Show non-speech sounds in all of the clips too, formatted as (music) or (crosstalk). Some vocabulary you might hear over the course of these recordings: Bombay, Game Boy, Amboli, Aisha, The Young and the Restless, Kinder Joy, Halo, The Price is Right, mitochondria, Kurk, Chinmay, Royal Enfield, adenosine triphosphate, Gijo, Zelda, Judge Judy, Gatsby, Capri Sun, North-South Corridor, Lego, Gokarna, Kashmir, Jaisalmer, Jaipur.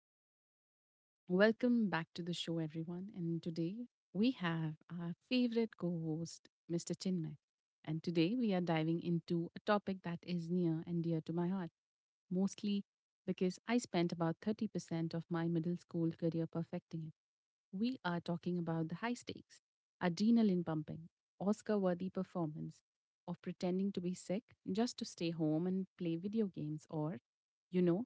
rolling. Welcome back to the show, everyone. And today we have our favorite co host, Mr. Chinmay. And today we are diving into a topic that is near and dear to my heart, mostly because I spent about 30% of my middle school career perfecting it. We are talking about the high stakes, adrenaline pumping, Oscar worthy performance, of pretending to be sick just to stay home and play video games or, you know,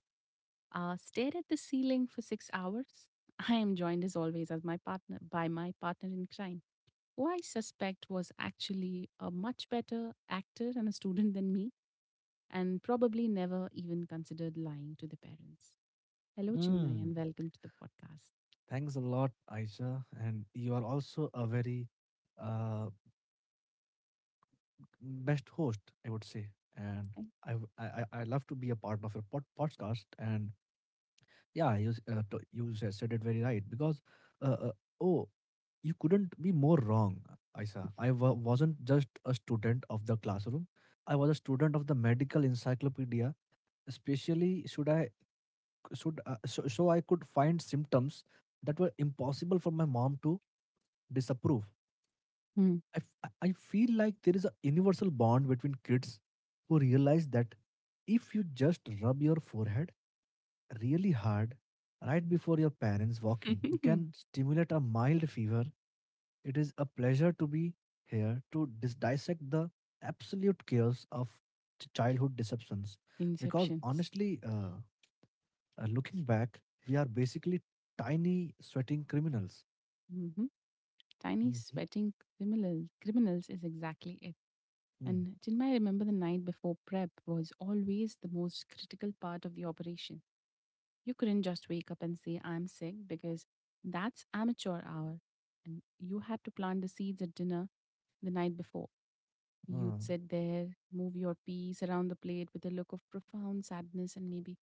stare at the ceiling for 6 hours. I am joined as always as my partner by my partner in crime, who I suspect was actually a much better actor and a student than me, and probably never even considered lying to the parents. Hello, Chinmay, Mm, and welcome to the podcast. Thanks a lot, Aisha. And you are also a very uh, best host, I would say. And I, Thank- w- I love to be a part of your podcast. And yeah, you, s- to- you sa- said it very right because, uh, uh, oh, you couldn't be more wrong, Aisha. I wasn't just a student of the classroom, I was a student of the medical encyclopedia, especially should I, should, so, so I could find symptoms that were impossible for my mom to disapprove. Mm. I, f- I feel like there is a universal bond between kids who realize that if you just rub your forehead really hard right before your parents walk in, you can (laughs) stimulate a mild fever. It is a pleasure to be here to dissect the absolute chaos of childhood deceptions. Because Inceptions. honestly, looking back, we are basically tiny, sweating criminals. Hmm. Tiny Mm-hmm. sweating criminals is exactly it. Mm, And Chinmay, I remember the night before prep was always the most critical part of the operation. You couldn't just wake up and say, I'm sick, because that's amateur hour. And you had to plant the seeds at dinner the night before. uh. You'd sit there, move your piece around the plate with a look of profound sadness and maybe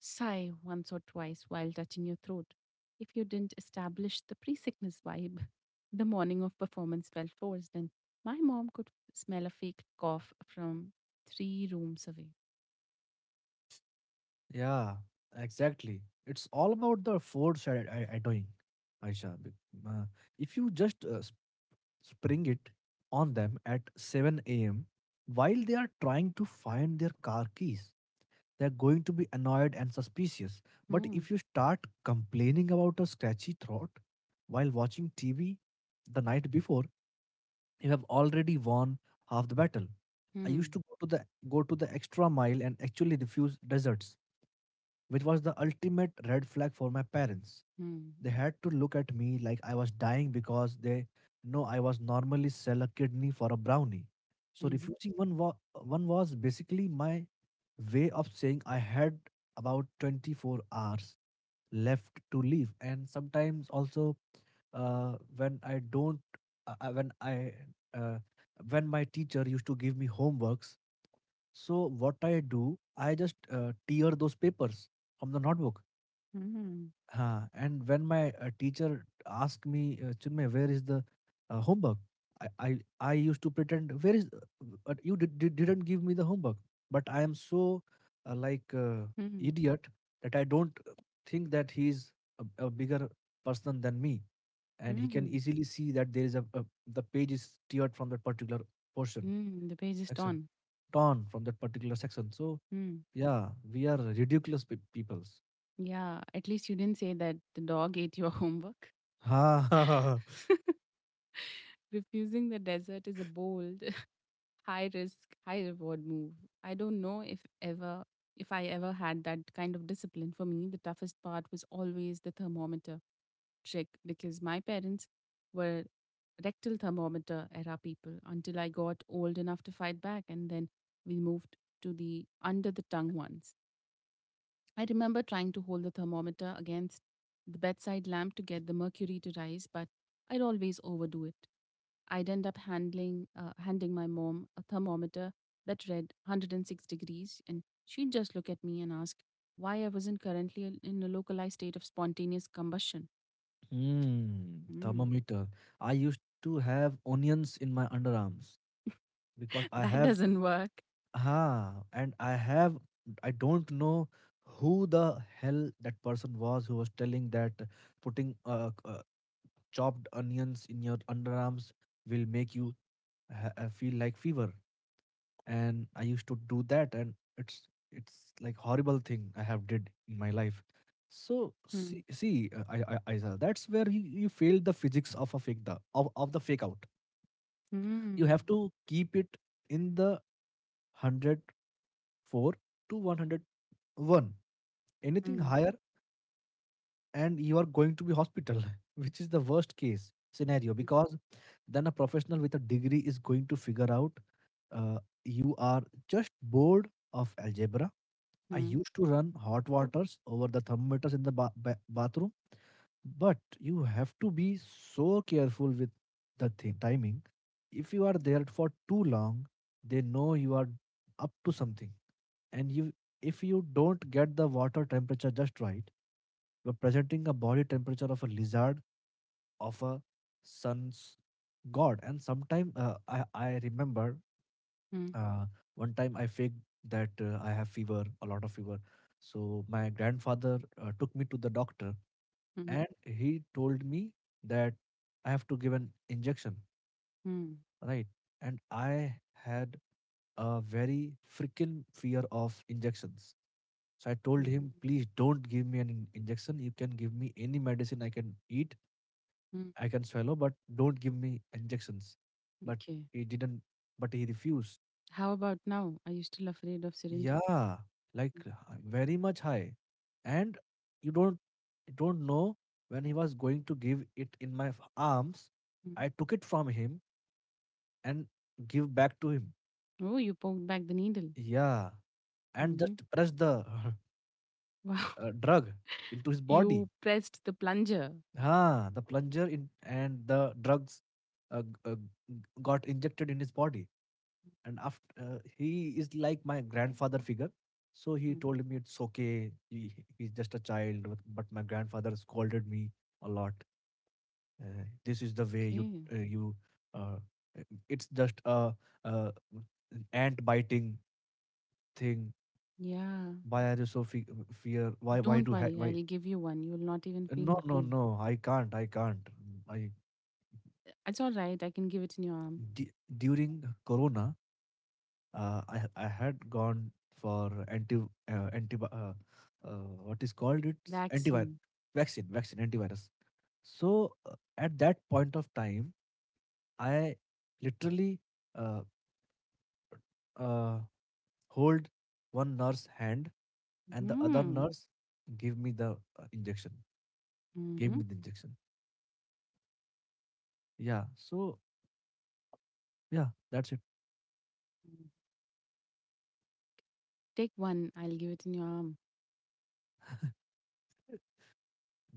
sigh once or twice while touching your throat. If you didn't establish the pre sickness vibe, (laughs) the morning of performance felt forced, and my mom could smell a fake cough from three rooms away. Yeah, exactly. It's all about the foreshadowing, Aisha. Uh, If you just spring it on them at 7 a.m. while they are trying to find their car keys, they're going to be annoyed and suspicious. But Hmm. if you start complaining about a scratchy throat while watching TV the night before, you have already won half the battle. I used Hmm. to go to the extra mile and actually refuse desserts, which was the ultimate red flag for my parents. Hmm. They had to look at me like I was dying because they know I was normally sell a kidney for a brownie. So Hmm. One was basically my way of saying I had about 24 hours left to leave. And sometimes also when I don't when I uh, when my teacher used to give me homeworks, so what I do, I just tear those papers from the notebook. Hmm. Huh. And when my teacher asked me, Chinmay, where is the homework? I, I I used to pretend, where is, but you didn't give me the homework. But I am so uh, like uh, Hmm. idiot that I don't think that he's a bigger person than me, and he can Mm, easily see that there is a the page is teared from that particular portion mm, the page is section torn. torn from that particular section. So Mm. yeah, we are ridiculous peoples. Yeah, at least you didn't say that the dog (laughs) ate your homework. Ha (laughs) ha ha. Ha. (laughs) Refusing the desert is a bold, (laughs) high risk, high reward move. I don't know if I ever had that kind of discipline. For me, the toughest part was always the thermometer trick because my parents were rectal thermometer era people until I got old enough to fight back and then we moved to the under the tongue ones. I remember trying to hold the thermometer against the bedside lamp to get the mercury to rise, but I'd always overdo it. I'd end up handing my mom a thermometer that read 106 degrees, and she'd just look at me and ask why I wasn't currently in a localized state of spontaneous combustion. Hmm, Hmm, thermometer. I used to have onions in my underarms because (laughs) that doesn't work. I have, I don't know who the hell that person was who was telling that putting chopped onions in your underarms will make you feel like fever. And I used to do that, and it's like horrible thing I have did in my life. So Hmm, see I saw that's where you failed the physics of a of the fake out. You have hmm, to keep it in the 104 to 101. Anything hmm, higher and you are going to be hospital (laughs) which is the worst case scenario, because then a professional with a degree is going to figure out uh, you are just bored of algebra. I hmm, used to run hot waters over the thermometers in the bathroom, but you have to be so careful with the timing. If you are there for too long, they know you are up to something. And if you don't get the water temperature just right, you're presenting a body temperature of a lizard, of a sun's god. And sometime I remember hmm, uh, one time I faked that I have fever, a lot of fever. So my grandfather took me to the doctor hmm, hmm, and he told me that I have to give an injection, hmm, right? And I had a very freaking fear of injections. So I told hmm. him, please don't give me an injection. You can give me any medicine I can eat, Hmm. I can swallow, but don't give me injections. But Okay. he didn't, but he refused. How about now? Are you still afraid of syringes? Yeah, like very much high. And you don't you don't know when he was going to give it in my arms. Mhm. I took it from him and give back to him. Oh, you poked back the needle. Yeah, and Hmm. just press the Wow. (laughs) (laughs) Drug into his body. You pressed the plunger. Ah, the plunger in and the drugs uh, g- uh, got injected in his body. And after he is like my grandfather figure, so he told me it's okay, he's just a child. But my grandfather scolded me a lot. This is the way you Okay. You uh, uh, it's just a ant biting thing. Yeah. Why are you so fear? Why Don't do worry. why I'll give you one. You'll not even feel no the no pain. no, I can't, i It's all right. I can give it in your arm. d- during corona, I had gone for anti uh, what is called it, antivirus Vaccine. vaccine vaccine antivirus. So at that point of time, I literally uh, uh, hold one nurse hand and the other Hmm. nurse give me the injection. Gave Hmm. me the injection. Yeah. So yeah, that's it. Take one. I'll give it in your arm.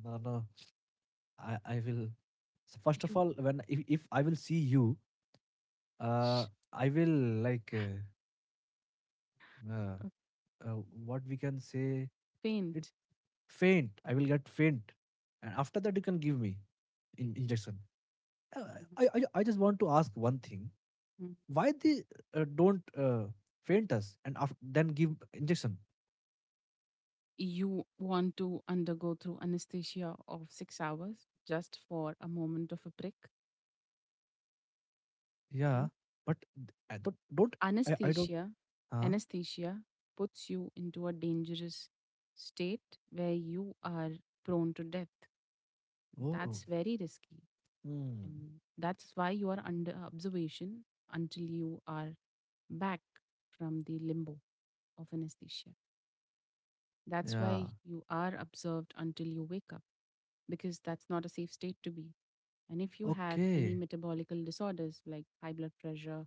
No, no. I will. So first of You all, when if I will see you, uh, I will like. Uh, uh, uh, what we can say it, faint. faint, I will get faint. And after that you can give me injection. Uh, Mhm. I just want to ask one thing, why they don't faint us and after, then give injection? You want to undergo through anesthesia of 6 hours just for a moment of a prick. Yeah, but I don't. I don't. Anesthesia, Huh. anesthesia puts you into a dangerous state where you are prone to death. Oh. That's very risky. Hmm. And that's why you are under observation until you are back from the limbo of anesthesia. That's Yeah. why you are observed until you wake up, because that's not a safe state to be. And if you have any Okay, metabolical disorders like high blood pressure,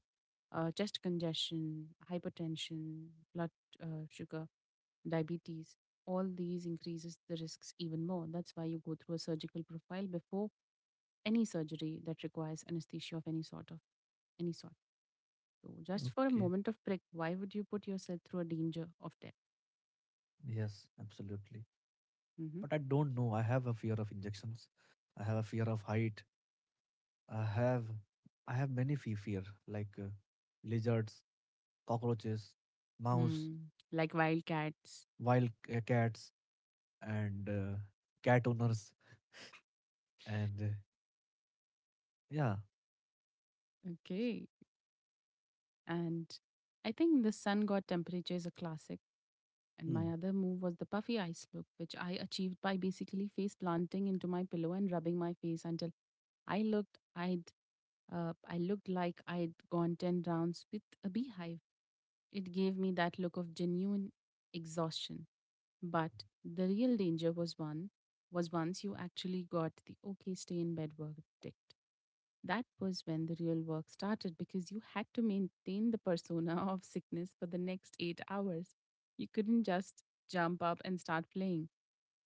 chest congestion, hypertension, blood sugar, diabetes, all these increases the risks even more. That's why you go through a surgical profile before any surgery that requires anesthesia of any sort of any sort. So just for a okay. moment of prick, why would you put yourself through a danger of death? Yes, absolutely. Mhm. But I don't know, I have a fear of injections, I have a fear of height. I have I have many fear, like lizards, cockroaches, mouse, Hmm. Like wildcats. Cats, and cat owners, and yeah. Okay. And I think the sun god temperature is a classic. And Hmm. my other move was the puffy ice look, which I achieved by basically face planting into my pillow and rubbing my face until I'd I looked like I'd gone ten rounds with a beehive. It gave me that look of genuine exhaustion. But the real danger was once you actually got the okay stay in bed work ticked. That was when the real work started because you had to maintain the persona (laughs) of sickness for the next 8 hours. You couldn't just jump up and start playing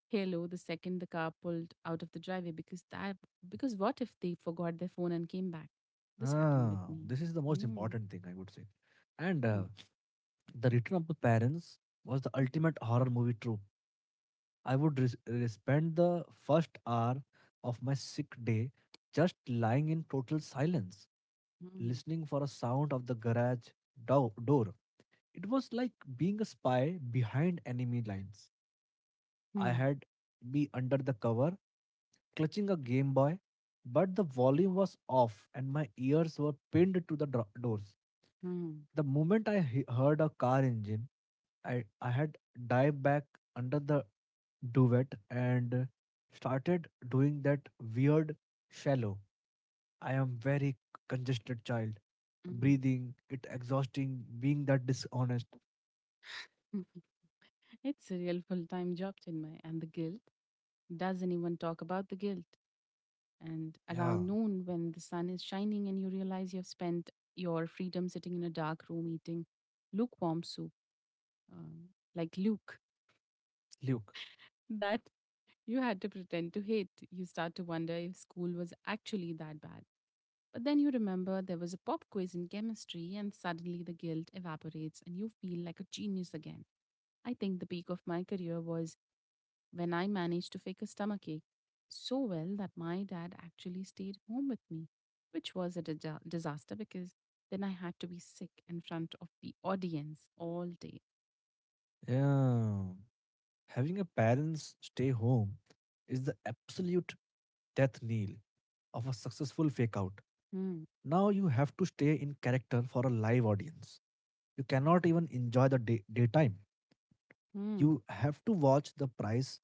Halo the second the car pulled out of the driveway because what if they forgot their phone and came back? This happened with Ah, me. this is the most Mm, important thing I would say. And mm, the Return of the Parents was the ultimate horror movie trope. I would spend the first hour of my sick day just lying in total silence, mm, listening for a sound of the garage door. It was like being a spy behind enemy lines. I mm, had be under the cover, clutching a Game Boy, but the volume was off and my ears were pinned to the doors. The moment I heard a car engine, I had dived back under the duvet and started doing that weird shallow. I am very congested child. mm, Breathing, it exhausting, being that dishonest. mm. It's a real full time job, Chinmay, and the guilt doesn't even talk about the guilt. And Yeah, around noon, when the sun is shining and you realize you've spent your freedom sitting in a dark room eating lukewarm soup, um, like Luke, Luke. (laughs) that you had to pretend to hate, you start to wonder if school was actually that bad. But then you remember there was a pop quiz in chemistry, and suddenly the guilt evaporates and you feel like a genius again. I think the peak of my career was when I managed to fake a stomachache so well that my dad actually stayed home with me, which was a dija- disaster because then I had to be sick in front of the audience all day. Yeah. Having a parents stay home is the absolute death knell of a successful fake out. Hmm. Now you have to stay in character for a live audience. You cannot even enjoy the daytime. Hmm. You have to watch the price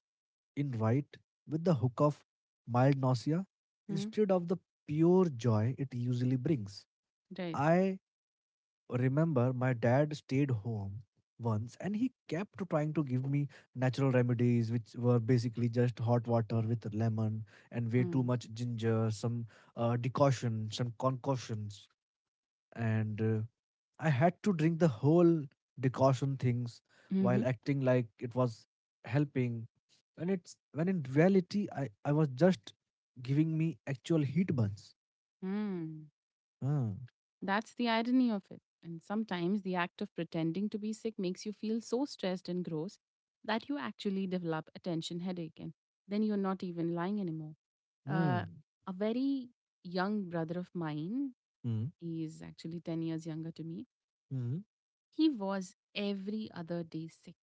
in right with the hook of mild nausea Hmm. instead of the pure joy it usually brings. Right. I remember my dad stayed home once and he kept trying to give me natural remedies, which were basically just hot water with lemon and way too Hmm. much ginger, some decoction some concoctions. And I had to drink the whole decoction things Mm-hmm. while acting like it was helping, and it's when in reality I was just giving me actual heat burns. Hmm. Ah, That's the irony of it. And sometimes the act of pretending to be sick makes you feel so stressed and gross that you actually develop attention headache and then you're not even lying anymore. mm, Uh, a very young brother of mine mm, he is actually 10 years younger to me. mm. He was every other day sick,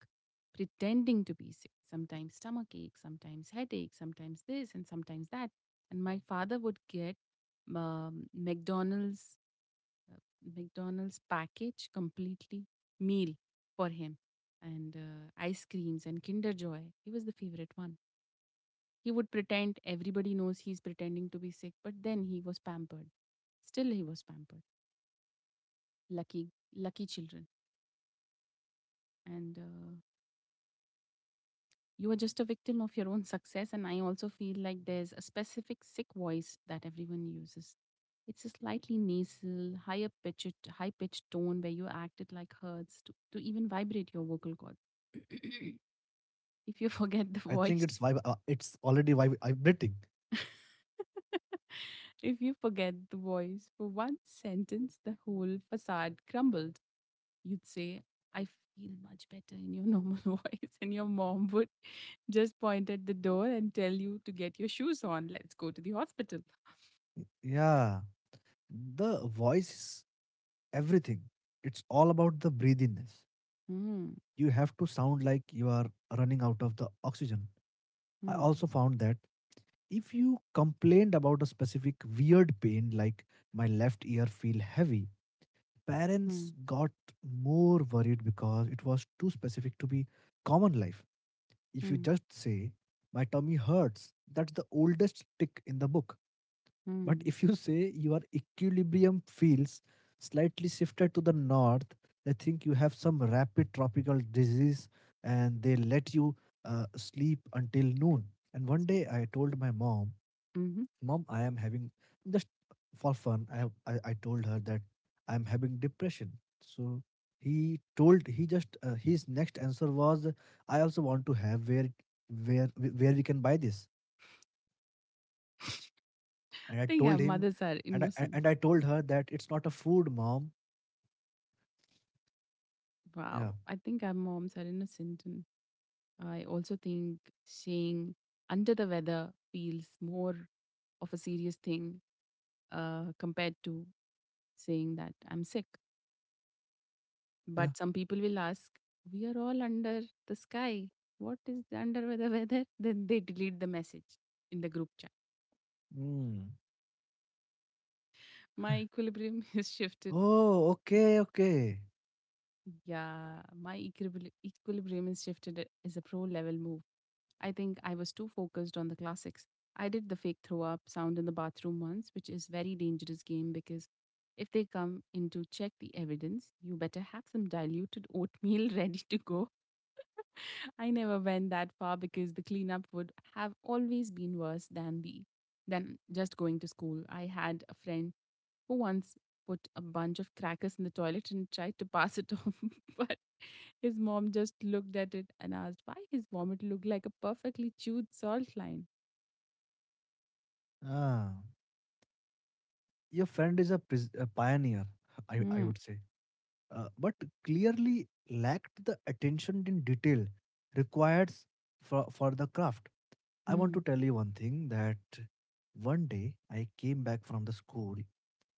pretending to be sick, sometimes stomach ache, sometimes headache, sometimes this, and sometimes that. And my father would get um, McDonald's uh, McDonald's package completely meal for him and ice creams and Kinder Joy. He was the favorite one. He would pretend everybody knows he's pretending to be sick, but then he was pampered. Still, he was pampered. Lucky, lucky children. And you are just a victim of your own success, and I also feel like there's a specific sick voice that everyone uses. It's a slightly nasal higher pitched high pitched tone where you act it like hurts to even vibrate your vocal cords. (coughs) (laughs) (clears throat) if you forget the I think voice, it's it's already vibrating. (laughs) if you forget the voice for one sentence the whole facade crumbled. You'd say I feel much better in your normal (laughs) voice and your mom would just point at the door and tell you to get your shoes on. Let's go to the hospital. Yeah, the voice is everything. It's all about the breathiness. Mm, You have to sound like you are running out of the oxygen. I mm, also found that if you complained about a specific weird pain like my left ear feel heavy, parents mm, got more worried because it was too specific to be common life. If you mm, just say my tummy hurts, that's the oldest tick in the book. But mm. if you say your equilibrium feels slightly shifted to the north, they think you have some rapid tropical disease and they let you sleep until noon. And one So day I told my mom, Mm-hmm. Mom, I am having, just for fun, I told her that I'm having depression. So he told, his next answer was, I also want to have, where we can buy this. And I I think our told him, mothers are innocent. and I told her that it's not a food, mom. Yeah, Wow. I think our moms are innocent. And I also think saying under the weather feels more of a serious thing compared to saying that I'm sick. yeah. But some people will ask, we are all under the sky. What is the under the weather? (laughs) Then they delete the message in the group chat. Mm. My equilibrium (laughs) is shifted. Oh, okay, okay. Yeah, my equilibrium is shifted as a pro level move. I think I was too focused on the classics. I did the fake throw up sound in the bathroom once, which is very dangerous game because if they come in to check the evidence, you better have some diluted oatmeal (laughs) ready to go. I never went that far because the cleanup would have always been worse than the than just going to school. I had a friend who once put a bunch of crackers in the toilet and tried to pass it off, (laughs) but his mom just looked at it and asked why his vomit looked like a perfectly chewed salt line. Ah, your friend is a, a pioneer, I Hmm. would say. But clearly lacked the attention in detail required for the craft. I want Hmm. to tell you one thing, that one day I came back from the school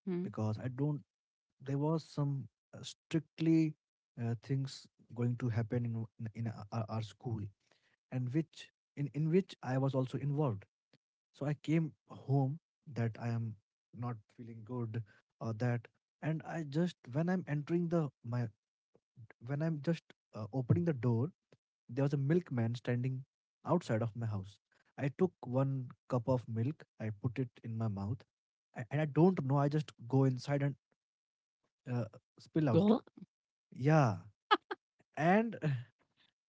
Hmm. because I don't. There was some strictly things going to happen in our school, and which in which I was also involved. So I came home that I am not feeling good or that, and I just when I'm entering the my when I'm just opening the door, there was a milkman standing outside of my house. I took one cup of milk, I put it in my mouth, and I don't know. I just go inside and uh, spill out. What? Yeah. And (sighs)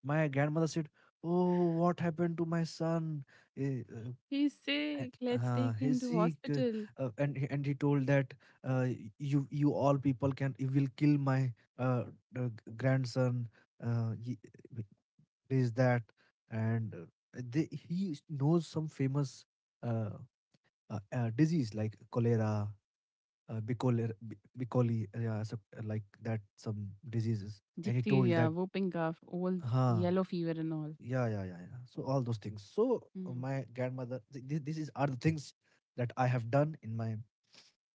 my grandmother said, Oh, what happened to my son? Eh, He's Uh, eh, sick. Let's take him he's to sick. Hospital. And he told that you all people can, you will kill my uh, grandson. Uh, ye- eh, this, that. And knows some famous uh, disease like cholera, uh, Bicoli, Bicoli, yeah, so, like that, some diseases and he told Diphtheria, that. whooping cough, old Huh. yellow fever, and all. Yeah, yeah, yeah, yeah. So all those things. So Hmm. my grandmother, these are the things that I have done in my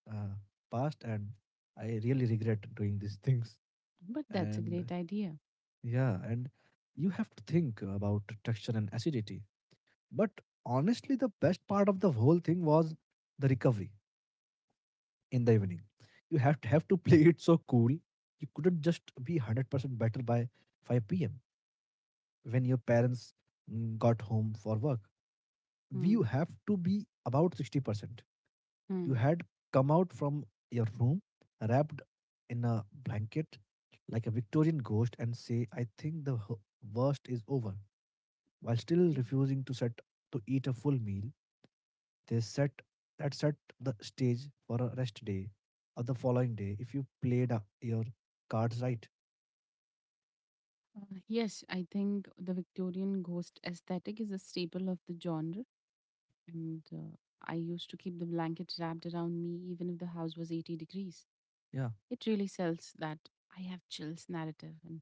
uh, past, and I really regret doing these things. But that's a And great idea. yeah, and you have to think about texture and acidity. But honestly, the best part of the whole thing was the recovery in the evening. You have to play it so cool. You couldn't just be 100% better by 5 p.m. when your parents got home for work. You have to be about 60%. You Hmm. had come out from your room wrapped in a blanket like a Victorian ghost and say, I think the worst is over, while still Mm. refusing to set to eat a full meal. They set that set the stage for a rest day or the following day if you played your cards right. Yes, I think the Victorian ghost aesthetic is a staple of the genre, and I used to keep the blanket wrapped around me even if the house was 80 degrees. Yeah. It really sells that I have chills narrative, and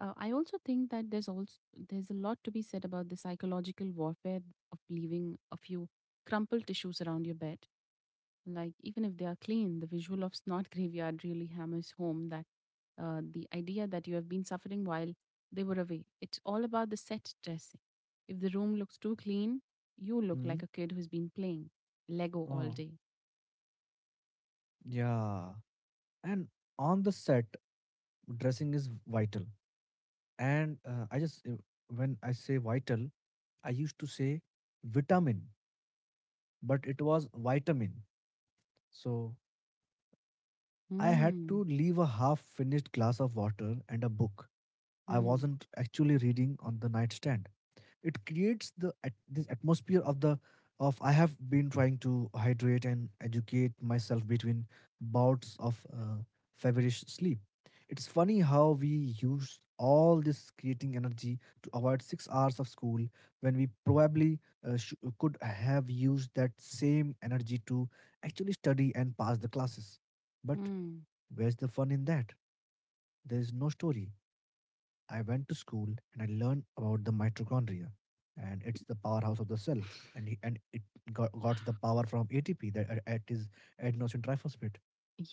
I also think that there's also there's a lot to be said about the psychological warfare of leaving a few crumpled tissues around your bed. Like, even if they are clean, the visual of Snot Graveyard really hammers home that the idea that you have been suffering while they were away. It's all about the set dressing. If the room looks too clean, you look Hmm. like a kid who's been playing Lego all Oh, day. yeah. And on the set, dressing is vital. And I just, when I say vital, I used to say vitamin, but it was vitamin. So I had Hmm. to leave a half finished glass of water and a book I Hmm. wasn't actually reading on the nightstand. It creates this atmosphere of the of I have been trying to hydrate and educate myself between bouts of feverish sleep. It's funny how we use all this creating energy to avoid 6 hours of school when we probably could have used that same energy to actually study and pass the classes, but Hmm. where's the fun in that? There is no story. I went to school and I learned about the mitochondria, and it's the powerhouse of the cell, and it got the power from ATP, that it is adenosine triphosphate.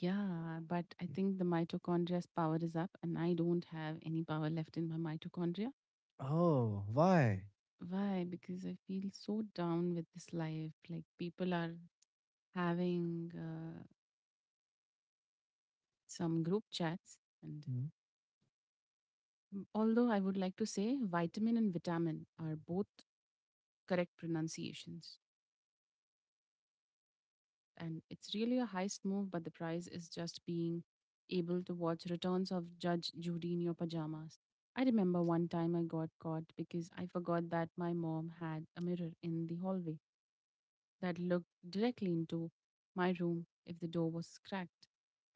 Yeah, but I think the mitochondria's power is up, and I don't have any power left in my mitochondria. Oh, why? Why? Because I feel so down with this life. Like people are having some group chats. And Mm. mm, although I would like to say vitamin and vitamin are both correct pronunciations, and it's really a heist move, but the prize is just being able to watch returns of Judge Judy in your pajamas. I remember one time I got caught because I forgot that my mom had a mirror in the hallway that looked directly into my room if the door was cracked.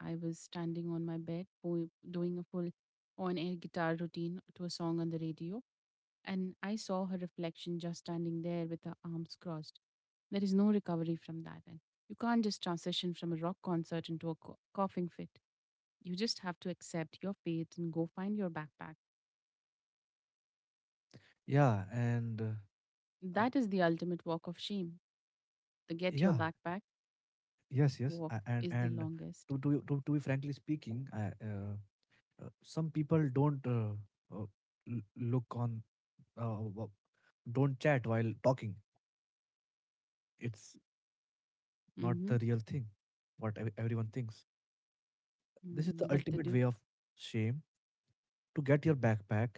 I was standing on my bed doing a full on air guitar routine to a song on the radio, and I saw her reflection just standing there with her arms crossed. There is no recovery from that, and you can't just transition from a rock concert into a coughing fit. You just have to accept your fate and go find your backpack. Yeah, and uh, That is the ultimate walk of shame. The get your yeah, backpack yes, yes, walk a- is the and longest. To be frankly speaking, some people don't uh, look on, uh, w- don't chat while talking. It's not Mhm. the real thing, what everyone thinks. This is Mm, the but the ultimate do- way of shame to get your backpack,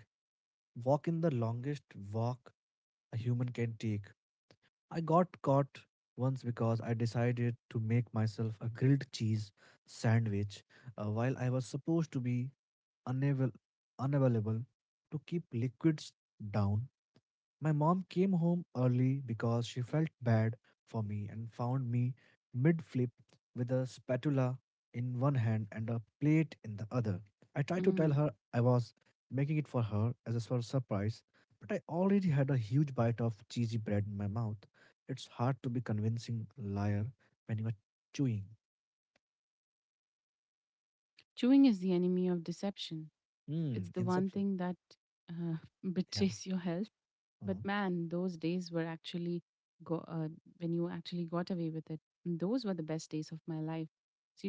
walk in the longest walk a human can take. I got caught once because I decided to make myself a grilled cheese sandwich while I was supposed to be unable unavailable to keep liquids down. My mom came home early because she felt bad for me and found me mid flip with a spatula in one hand and a plate in the other. I tried to tell mm. her I was making it for her as a sort of surprise, but I already had a huge bite of cheesy bread in my mouth. It's hard to be convincing liar when you are chewing. Chewing is the enemy of deception. It's Mm, the one Inception. thing that uh, (laughs) Yeah. betrays your health. But Uh-huh. man, those days were actually go when you actually got away with it. Those were the best days of my life.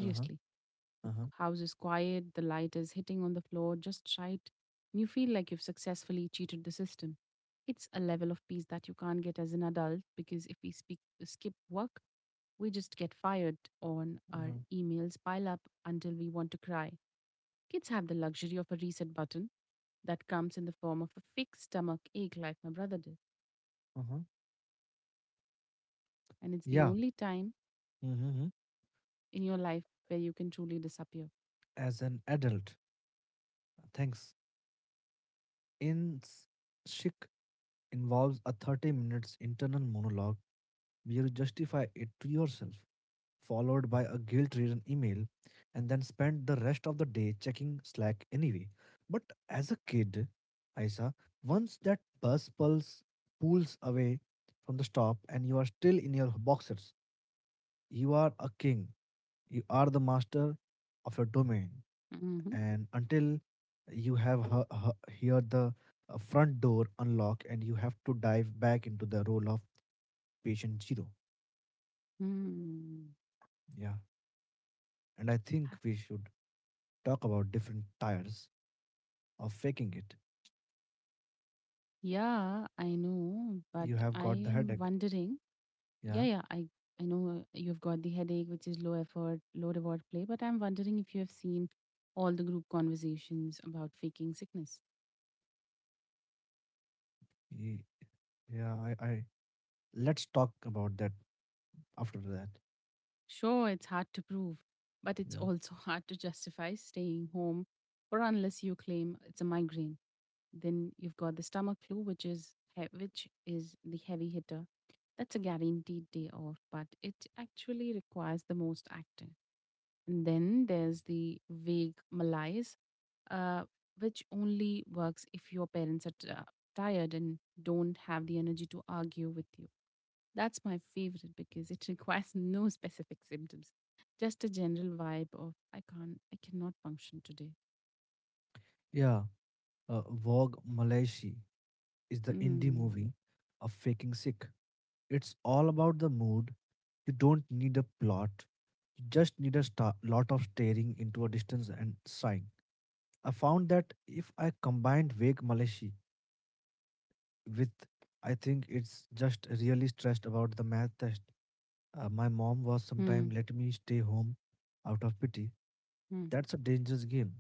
Uh-huh. The Uh-huh. house is quiet, the light is hitting on the floor just right, and you feel like you've successfully cheated the system. It's a level of peace that you can't get as an adult because if we speak, skip work, we just get fired on our Uh-huh. emails pile up until we want to cry. Kids have the luxury of a reset button that comes in the form of a fixed stomach ache like my brother did. Uh-huh. And it's the Yeah. only time Mm-hmm. in your life where you can truly disappear. As an adult. Thanks. In S- Sikh involves a 30 minutes internal monologue where you justify it to yourself, followed by a guilt-ridden email, and then spend the rest of the day checking Slack anyway. But as a kid, Aisa, once that bus pulse pulls away from the stop and you are still in your boxers, you are a king. You are the master of your domain, Mm-hmm. and until you have heard the front door unlock and you have to dive back into the role of patient zero. Hmm. Yeah. And I think we should talk about different tires of faking it. Yeah, I know, but You have I got the am headache. wondering. Yeah, Yeah. yeah, I know, you've got the headache, which is low effort, low reward play, but I'm wondering if you have seen all the group conversations about faking sickness. Ye- Yeah. I let's talk about that after that. Sure, it's hard to prove, but it's Yeah. also (laughs) hard to justify staying home, or unless you claim it's a migraine. Then you've got the stomach flu, which is the heavy hitter. That's a guaranteed day off, but it actually requires the most acting. And then there's the vague malaise, uh, which only works if your parents are tired and don't have the energy to argue with you. That's my favorite because it (laughs) requires no specific symptoms, just a general vibe of I can't, I cannot function today. Yeah. Vogue Malaysia is the indie Mm. movie of faking sick. It's all about the mood. You don't need a plot. Just need a lot of staring into a distance and sighing. I found that if I combined vague Malayashi with, I think it's just really stressed about the math test. My mom was sometime Hmm. let me stay home out of pity. Hmm. That's a dangerous game,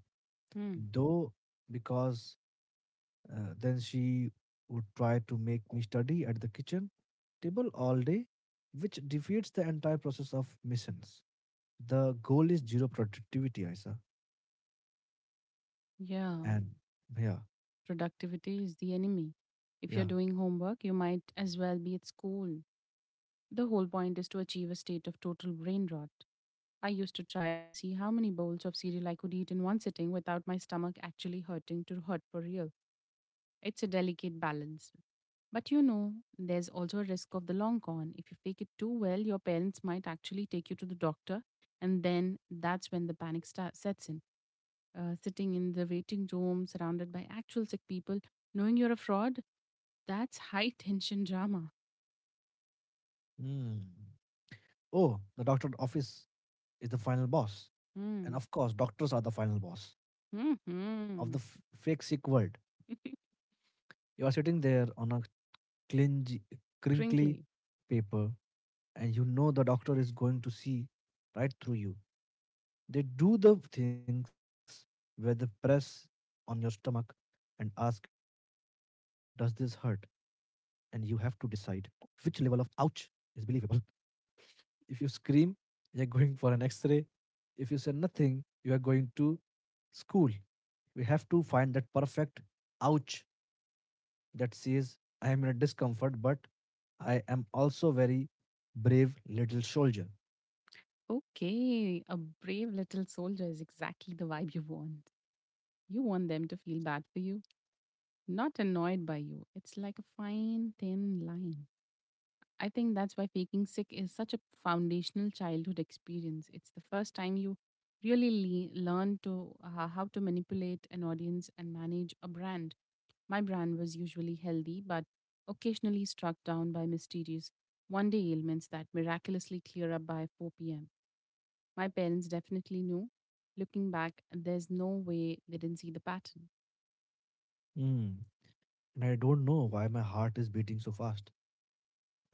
Hmm. though, because then she would try to make me study at the kitchen table all day, which defeats the entire process of missions. The goal is zero productivity, Isa, Yeah. and yeah. Productivity is the enemy. If you're Yeah. doing homework, you might as well be at school. The whole point is to achieve a state of total brain rot. I used to try and see how many bowls of cereal I could eat in one sitting without my stomach actually hurting to hurt for real. It's a delicate balance. But you know, there's also a risk of the long con. If you fake it too well, your parents might actually take you to the doctor, and then that's when the sets in. Sitting in the waiting room surrounded by actual sick people, knowing you're a fraud, that's high (laughs) tension drama. Hmm. Oh, the doctor's office is the final boss. And Hmm. of course, doctors are the final boss Hmm. of the fake sick world. (laughs) You are sitting there on a clingy, crinkly Crinkly. paper, and you know the doctor is going to see right through you. They do the things where they press on your stomach and ask, Does this hurt? And you have to decide which level of ouch is believable. (laughs) If you scream, you're going for an x ray. If you say nothing, you are going to school. We have to find that perfect ouch that says, I am in a discomfort, but I am also very brave little soldier. Okay, a brave little soldier is exactly the vibe you want. You want them to feel bad for you, not annoyed by you. It's like a fine, thin line. I think that's why faking sick is such a foundational childhood experience. It's the first time you learn to how to manipulate an audience and manage a brand. My brand was usually healthy, but occasionally struck down by mysterious one day ailments that miraculously clear up by 4 pm. My parents definitely knew. Looking back, there's no way they didn't see the pattern. Mm. And I don't know why my heart is beating so fast.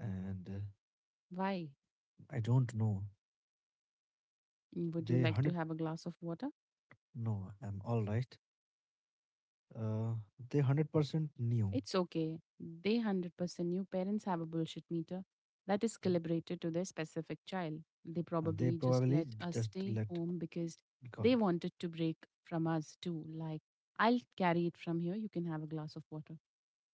And Why? I don't know. Would you They like to 100, have a glass of water? no, I'm all right. Uh, they 100% knew. It's okay. They 100% knew parents have a bullshit meter that is uh, calibrated to their specific child. They And they probably just probably let us just stay let home because because. they wanted to break from us too. Like, I'll carry it from here. You can have a glass of water.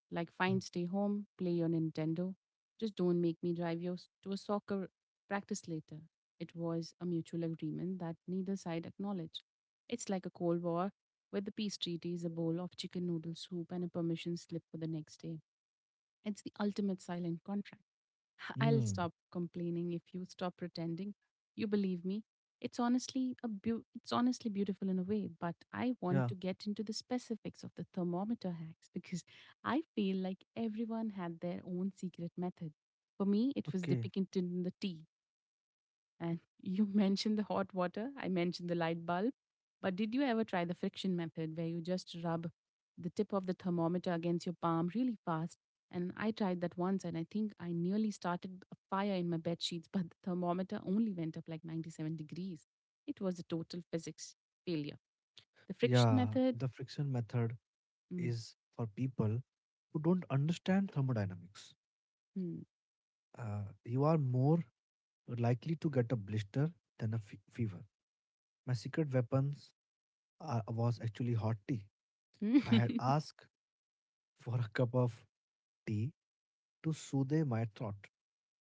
Like, Yeah. fine, stay home, play your Nintendo. Just don't make me to a soccer practice later. It was a mutual agreement that neither side acknowledged. It's like a Cold War where the peace treaty is a bowl of chicken noodle soup and a permission slip for the next day. It's the ultimate silent contract. I'll Mm, stop complaining if you stop pretending. You believe me. It's honestly beautiful in a way, but I yeah. want to get into the specifics of the thermometer hacks (laughs) because I feel like everyone had their own secret method. For me, it was Okay. depicted in the tea. And you (laughs) mentioned the hot water, I mentioned the light bulb. But did you ever try the friction method where you just rub the tip of the thermometer against your palm really fast? And I tried that once and I think I nearly started a fire in my bed sheets, (laughs) but the thermometer only went up like 97 degrees. It was a total physics failure. The friction Yeah. method? The friction method Mm. is for people who don't understand thermodynamics. Mm. You are more likely to get a blister than a fever. My secret weapons was actually hot tea. I had (laughs) asked for a cup of tea to soothe my throat.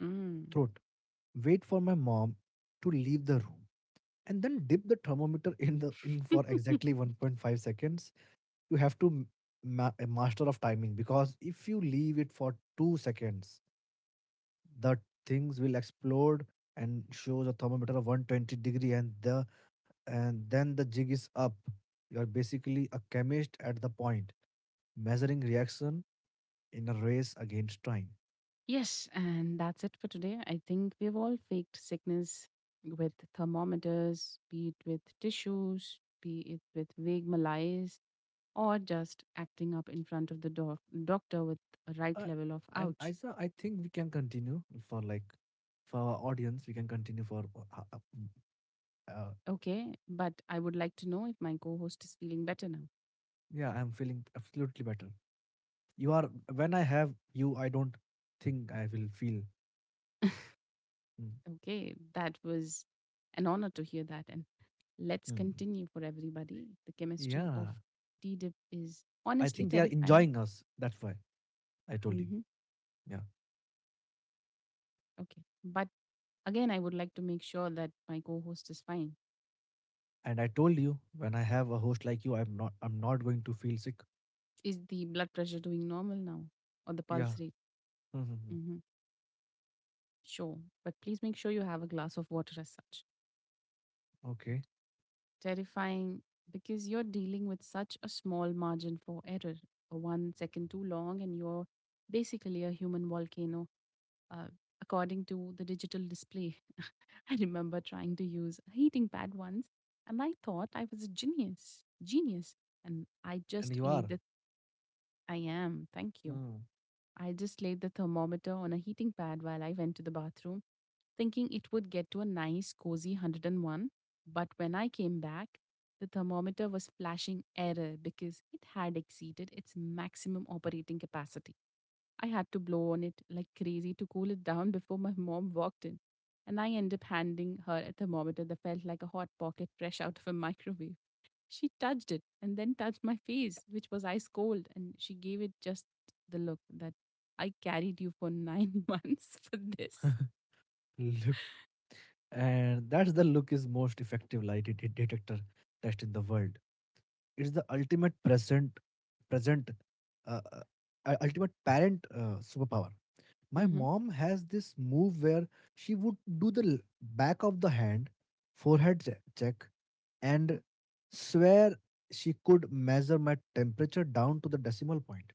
Mm. Throat. Wait for my mom to leave the room, and then dip the thermometer in the in for exactly (laughs) 1.5 seconds. You have to a master of timing because if you leave it for 2 seconds, the things will explode and shows a thermometer of 120 degree, and then the jig is up. You're basically a chemist at the point, measuring reaction in a race against time. Yes, and that's it for today. I think we've all faked sickness with thermometers, be it with tissues, be it with vague malaise, or just acting up in front of the doctor with a right uh, level of and ouch. Isa, I think we can continue for like, for our audience, we can continue for uh, Okay, but I would like to know if my co host is feeling better now. yeah. I'm feeling absolutely better. You are. When I have you, I don't think I will feel. (laughs) Mm. Okay, that was an honor to hear that. And let's Mm. continue for everybody. The chemistry of Yeah, T dip is I honestly think they are terrifying. enjoying us, that's why I told you. Hmm. Yeah. Okay. But again, I would like to make sure that my co host is fine. And I told you, when I have a host like you, I'm not going to feel sick. Is the blood pressure doing normal now or the Yeah. pulse rate? Mhm. Hmm. Sure. But please make sure you have a glass of water as such. Okay. Terrifying because you're dealing with such a small margin for error. 1 second too long, and you're basically a human volcano. Uh, According to the digital display, (laughs) I remember trying to use a heating pad once, and I thought I was a genius. Genius. And I And just you laid are. the I am, thank you. Mm. I just laid the thermometer on a heating pad while I went to the bathroom, thinking it would get to a nice, cozy 101. But when I came back, the thermometer was flashing error because it had exceeded its maximum operating capacity. I had to blow on it like crazy to cool it down before my mom walked in. And I ended up handing her a thermometer that felt like a hot pocket fresh out of a microwave. She touched it and then touched my face, which was ice cold, and she gave it just the look that I carried you for nine (laughs) months for this. (laughs) look. And that's the look is most effective lie detector test in the world. It's the ultimate present present uh, uh, ultimate parent superpower. My Mm-hmm. mom has this move where she would do the back of the hand, forehead check, and swear she could measure my temperature down to the decimal point.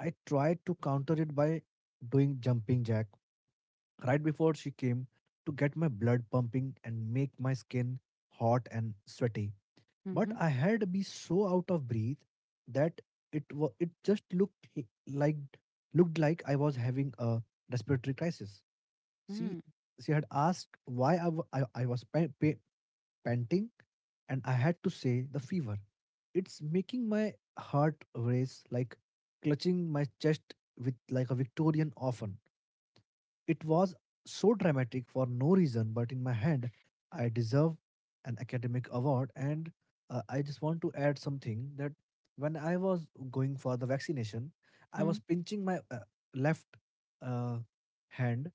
I tried to counter it by doing jumping jack right before she came to get my blood pumping and make my skin hot and sweaty. But I had be so out of breath that it just like looked like I was having a respiratory crisis. She Mm-hmm. she had asked why I was panting, and I had to say the fever. It's making my heart race, like clutching my chest with like a Victorian orphan. It was so dramatic for no reason, but in my head, I deserve an academic award. And I just want to add something that when I was going for the vaccination, I Mm-hmm. was pinching my left uh, hand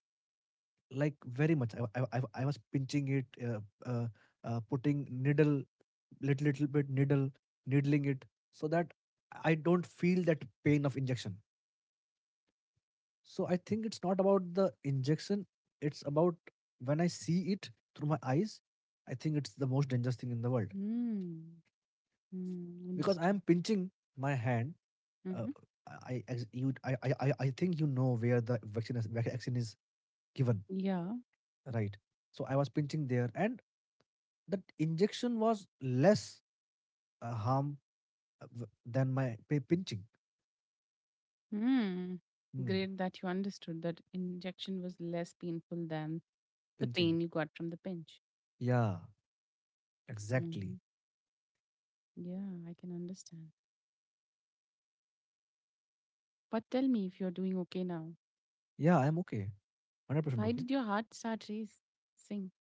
like very much. I was pinching it, uh, putting needle, little little bit needle, needling it so that I don't feel that pain of injection. So I think it's not about the injection. It's about when I see it through my eyes. I think it's the most dangerous thing in the world Mm-hmm. because I Understood. am pinching my hand. Uh, Mm-hmm. I you I think you know where the vaccine is, vaccine is given, Yeah. right? So I was pinching there, and that injection was less harm than my pinching. Mm. Hmm. Great that you understood that injection was less painful than the Pinching. pain you got from the pinch. Yeah, exactly. Mm-hmm. Yeah, I can understand. But tell me if you're doing okay now. Yeah, I'm okay. 100% Why okay. did your heart start racing?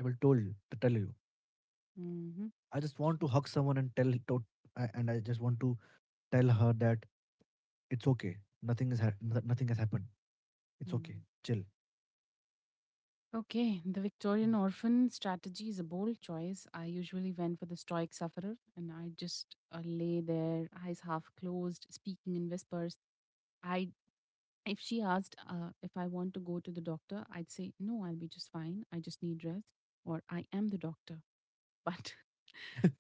I will tell you to tell you. Mm-hmm. I just want to Sure. hug someone and tell to, I- and I just want to tell her that it's okay. Nothing is ha- no- Nothing has happened. It's okay. Mm. Chill. Okay, the Victorian orphan strategy is a bold choice. I usually went for the stoic sufferer and I just lay there, eyes half closed, speaking in whispers. I if she asked, if I want to go to the doctor, I'd say no, I'll be just fine. I just need rest or I am the doctor. (laughs) But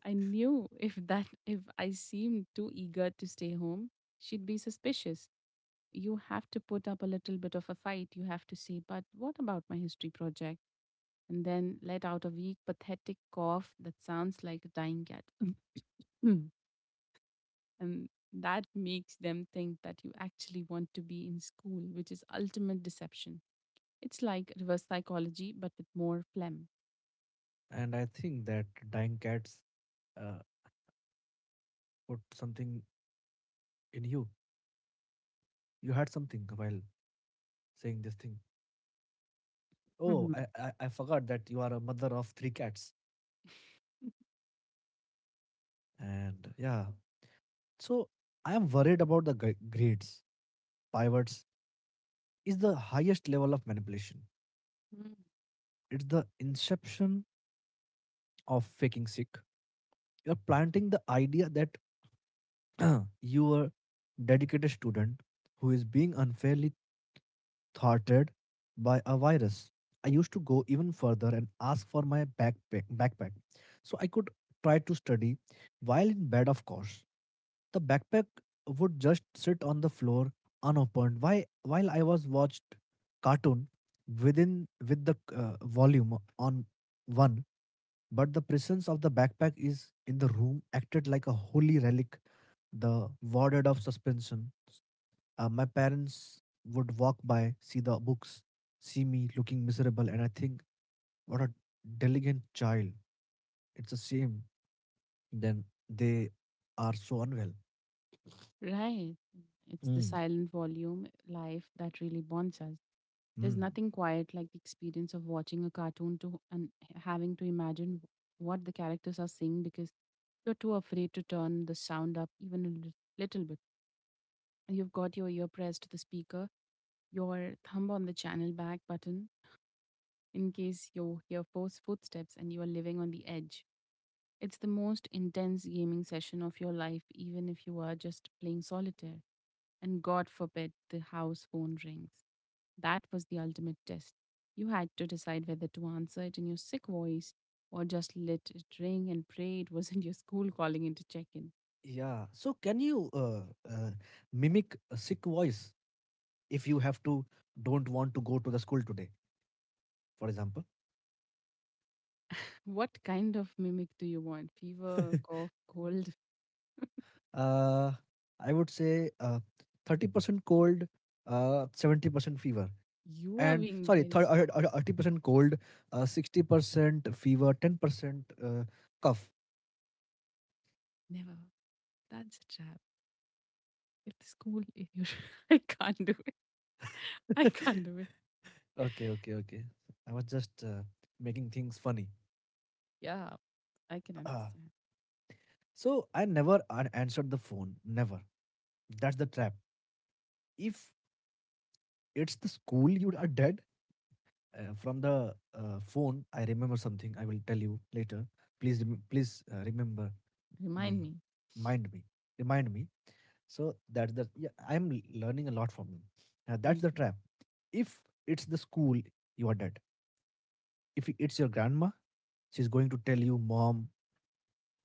I knew if I seemed too eager to stay home, she'd be suspicious. You have to put up a little bit of a fight. You have to say, but what about my history project? And then let out a weak, pathetic cough that sounds like a dying cat. (laughs) And that makes them think that you actually want to be in school, which is ultimate deception. It's like reverse psychology, but with more phlegm. And I think that dying cats uh, put something in you. You had something while saying this thing. Oh, Mhm. I forgot that you are a mother of 3 cats. And yeah, So I am worried about the grades. Pivots is the highest level of manipulation. Mm. It's the inception of faking sick. You're planting the idea that (clears throat) you are dedicated student who is being unfairly thwarted by a virus. I used to go even further and ask for my backpack so I could try to study while in bed, of course. The backpack would just sit on the floor unopened while I was watched cartoon with the volume on one, but the presence of the backpack is in the room acted like a holy relic, the warded of suspension. My parents would walk by, see the books, see me looking miserable, and I think, what a diligent child. It's a shame. Then they are so unwell. Right. It's the Mm. silent volume life that really bonds us. There's Mm. nothing quiet like the experience of watching a cartoon to and having to imagine what the characters are saying because you're too afraid to turn the sound up even a little bit. You've got your ear pressed to the speaker, your thumb on the channel back button in case you hear forced footsteps and you are living on the edge. It's the most intense gaming session of your life, even if you are just playing solitaire. And God forbid the house phone rings. That was the ultimate test. You had to decide whether to answer it in your sick voice or just let it ring and pray it wasn't (laughs) your school calling in to check in. Yeah. So can you uh, mimic a sick voice if you have to don't want to go to the school today, for example? What kind of mimic do you want? Fever, cough, cold? Uh, I would say 30% cold, 70% fever. You are And being sorry, very s- 30% cold, 60% fever, 10% cough. Never. That's a trap. If the school, if you, (laughs) I can't do it. I (laughs) Okay, can't do it. okay, okay. I was just making things funny. Yeah, I can Uh, understand. so I never answered the phone. Never. That's the trap. If it's the school, you are dead. From the phone, I remember something. I will tell you later. Please, remember Remind me. me. Mind me. Remind me. So that's the yeah, I'm learning a lot from him. Now that's Thank the you. trap. If it's the school, you are dead. If it's your grandma, she's going to tell you, Mom,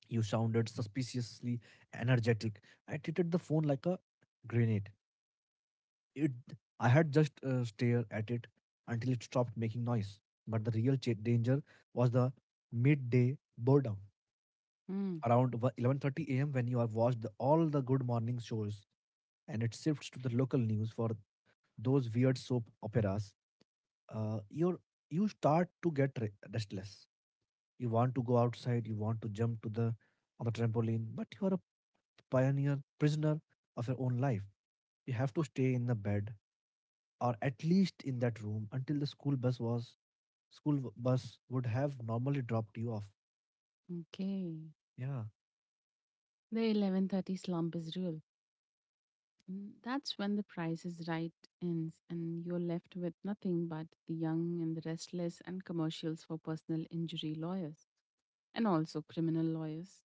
you sounded suspiciously energetic. I treated the phone like a grenade. It I had just stare at it until it stopped making noise. But the real danger was the midday boredom Mm, around 11:30 a.m. when you have watched the, all the good morning shows, and it shifts to the local news for those weird soap operas. uh, you're you start to get restless. You want to go outside. You want to jump to the on the trampoline, but you are a pioneer prisoner of your own life. You have to stay in the bed or at least in that room until the school bus was bus would have normally dropped you off. okay. Yeah, The 11:30 slump is real. Mm, that's when the price is right ends, and you're left with nothing but the young and the restless and commercials for personal injury lawyers and also criminal lawyers.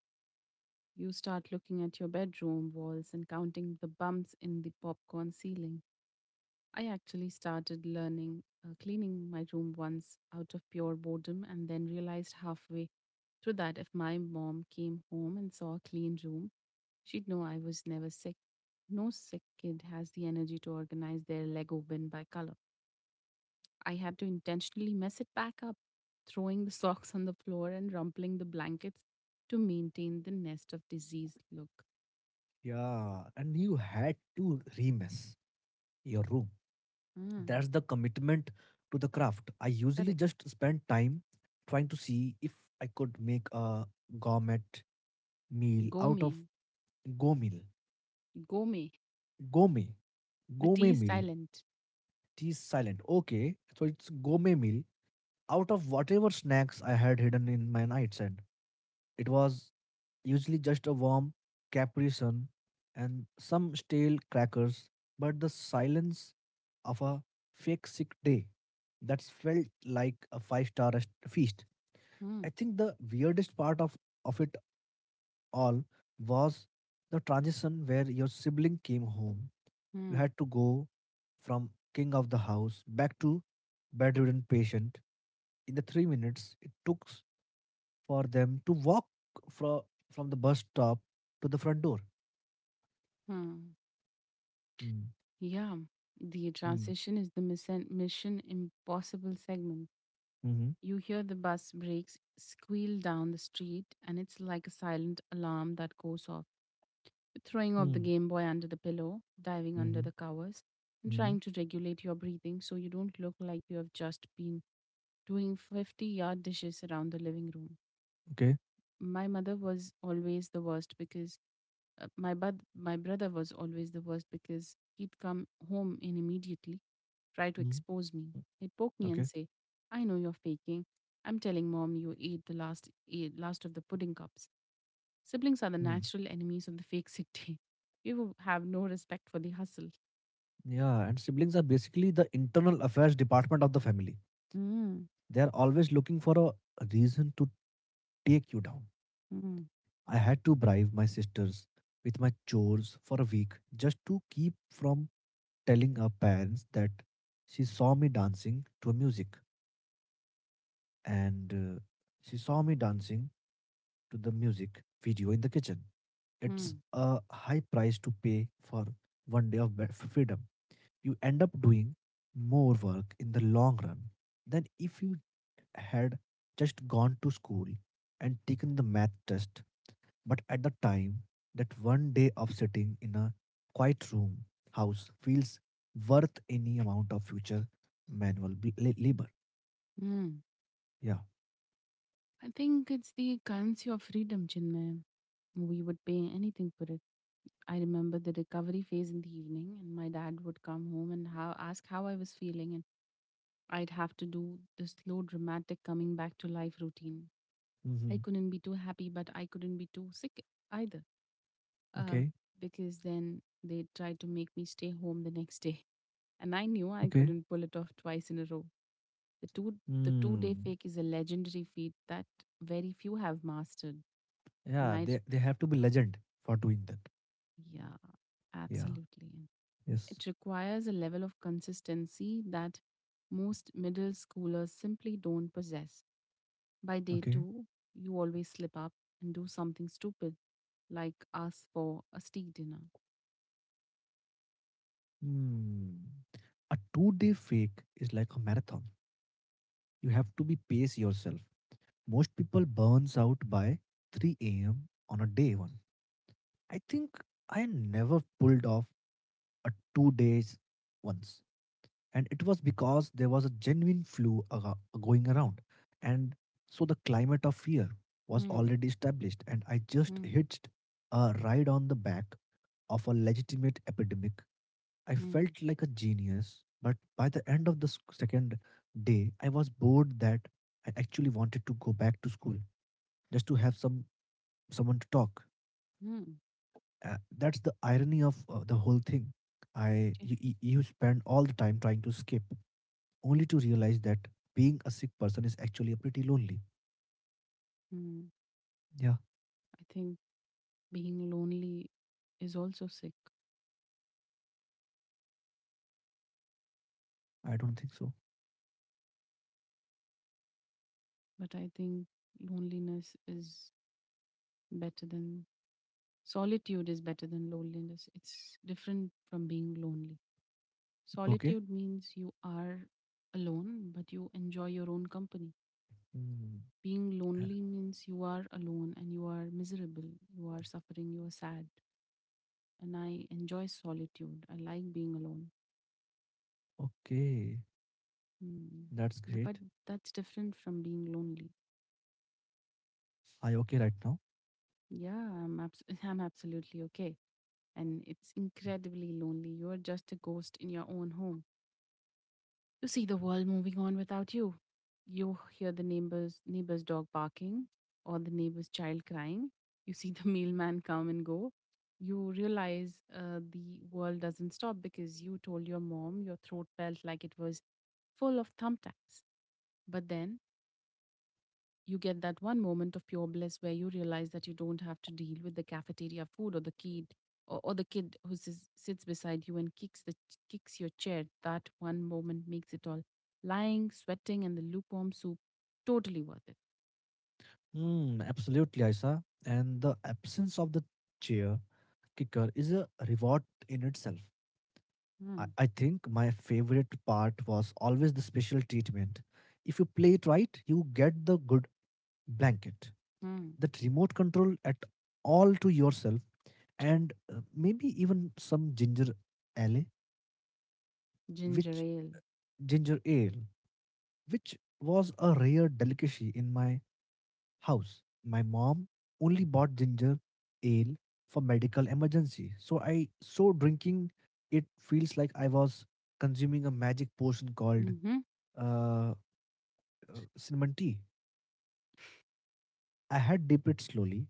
You start looking at your bedroom walls and counting the bumps in the popcorn ceiling. I actually started learning cleaning my room once out of pure boredom and then realized halfway through that if my mom came home and saw a clean room, she'd know I was never sick. No sick kid has the energy to organize their Lego bin by color. I had to intentionally mess it back up, throwing the (laughs) socks on the floor and rumpling the blankets to maintain the nest of diseased look. yeah, and you had to remess your room. Mm, That's the commitment to the craft. I usually correct. just spend time trying to see if I could make a gourmet meal out of Gourmet. go meal. Gourmet. Gourmet. The tea Gourmet is meal. silent. T silent. Okay. So it's gourmet meal out of whatever snacks I had hidden in my nightstand. It was usually just a warm Capri Sun and some stale crackers, but the silence of a fake sick day that felt like a five-star feast. Mm, I think the weirdest part of it all was the transition where your sibling came home. You mm. had to go from king of the house back to bedridden patient. In the 3 minutes it took for them to walk from from the bus stop to the front door. Hmm. Mm. Yeah, the Mm. transition is the mission impossible segment. Mm-hmm. You hear the bus brakes squeal down the street, and it's like a silent alarm that goes off. Throwing off the Mm. Game Boy under the pillow, diving under Mm-hmm. the covers, and Mm-hmm. trying to regulate your breathing so you don't look like you have just been doing 50-yard dishes around the living room. Okay. My mother was always the worst because my my brother was always the worst because he'd come home and immediately try to Mhm. expose me. He'd poke me and Okay. say, "I know you're faking. I'm telling mom you ate the last ate last of the pudding cups." Siblings are the Mm. natural enemies of the fake sick day. (laughs) You have no respect for the hustle. Yeah, and siblings are basically the internal affairs department of the family. Mm, They are always looking for a reason to take you down. mm, I had to bribe my sisters with my chores for a week just to keep from telling her parents that she saw me dancing to music and uh, she saw me dancing to the music video in the kitchen. It's mm, a high price to pay for one day of be- freedom. You end up doing more work in the long run than if you had just gone to school and taken the math test. But at the time, that one day of sitting in a quiet room house feels worth any amount of future labor. mm. Yeah. I think it's the currency of freedom, Chinmay. We would pay anything for it. I remember the recovery phase in the evening, and my dad would come home and ask how I was feeling, and I'd have to do the slow, dramatic coming back to life routine. I Mm-hmm. couldn't be too happy, but I couldn't be too sick either, uh, Okay. because then they tried to make me stay home the next day, (laughs) and I knew I Okay. couldn't pull it off twice in a row. The two the 2-day Hmm. fake is a legendary feat that very few have mastered, and Yeah, I, they have to be legend for doing that. yeah, Yeah. absolutely. Yes. It requires a level of consistency that most middle schoolers simply don't possess. By day Okay. two, you always slip up and do something stupid, like ask for a steak dinner. Hmm. A two-day fake is like a marathon. You have to be pace yourself. Most people burns out by 3 a.m. on a day one. I think I never pulled off a 2 days once, and it was because there was a genuine flu going around, and so the climate of fear was Hmm, already established, and I just hmm, hitched a ride on the back of a legitimate epidemic. I hmm, felt like a genius, but by the end of the second day, I was bored that I actually wanted to go back to school just to have someone to talk. hmm, That's the irony of the whole thing. I eh, you, you You spend all the time trying to escape, only to realize that being a sick person is actually pretty lonely. hmm. Yeah, I think being lonely is also sick, I don't think so. but I think loneliness is better than solitude is better than loneliness. It's different from being lonely. You. Okay. Solitude means you are alone, but you enjoy your own company. Hmm. Being uh, lonely means you are alone and you are miserable, you are suffering, you are sad. And I enjoy solitude. I like being alone. Okay, Hmm. that's But great. that's different from being lonely. Are you okay right now? Yeah, I'm, (laughs) I'm absolutely okay. And it's incredibly lonely. You're just a ghost in your own home. You see the world moving on without you. You hear the neighbor's dog barking or the neighbor's child crying. You see the (laughs) mailman come and go. You realize the world doesn't stop because you told your mom your throat felt like it was full of thumbtacks. But then you get that one moment of pure bliss where you realize that you don't have to deal with the cafeteria food or the or the kid who sits beside you and kicks your chair. That one moment makes it all lying sweating and the lukewarm soup totally worth it. Hmm. Absolutely, Aisa. And the absence of the chair kicker is a reward in itself. I, Mm, I think my favorite part was always the special treatment. If you play it right, you get the good blanket, mm. that remote control at all to yourself, and maybe even some ginger ale, Ginger which ale. ginger ale, which was a rare delicacy in my house. My mom only bought ginger ale for medical emergency. So drinking it feels like I was consuming a magic potion called Mm-hmm, uh, cinnamon tea. I had dipped it slowly,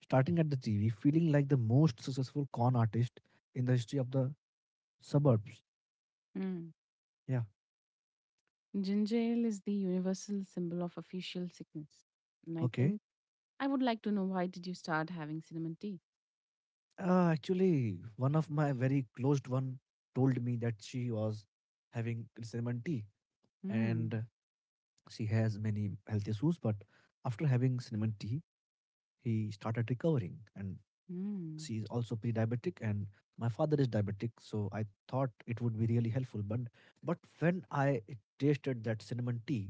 starting at the TV, feeling like the most successful con artist in the history of the suburbs. mm. Yeah, Ginger ale is the universal symbol of official sickness, and I okay. think I would like to know, why did you start having cinnamon tea? Actually, one of my very closed one told me that she was having cinnamon tea, Mm, and she has many health issues, but after having cinnamon tea, he started recovering. And mm. she is also pre-diabetic, and my father is diabetic, so I thought it would be really helpful. But when I tasted that cinnamon tea,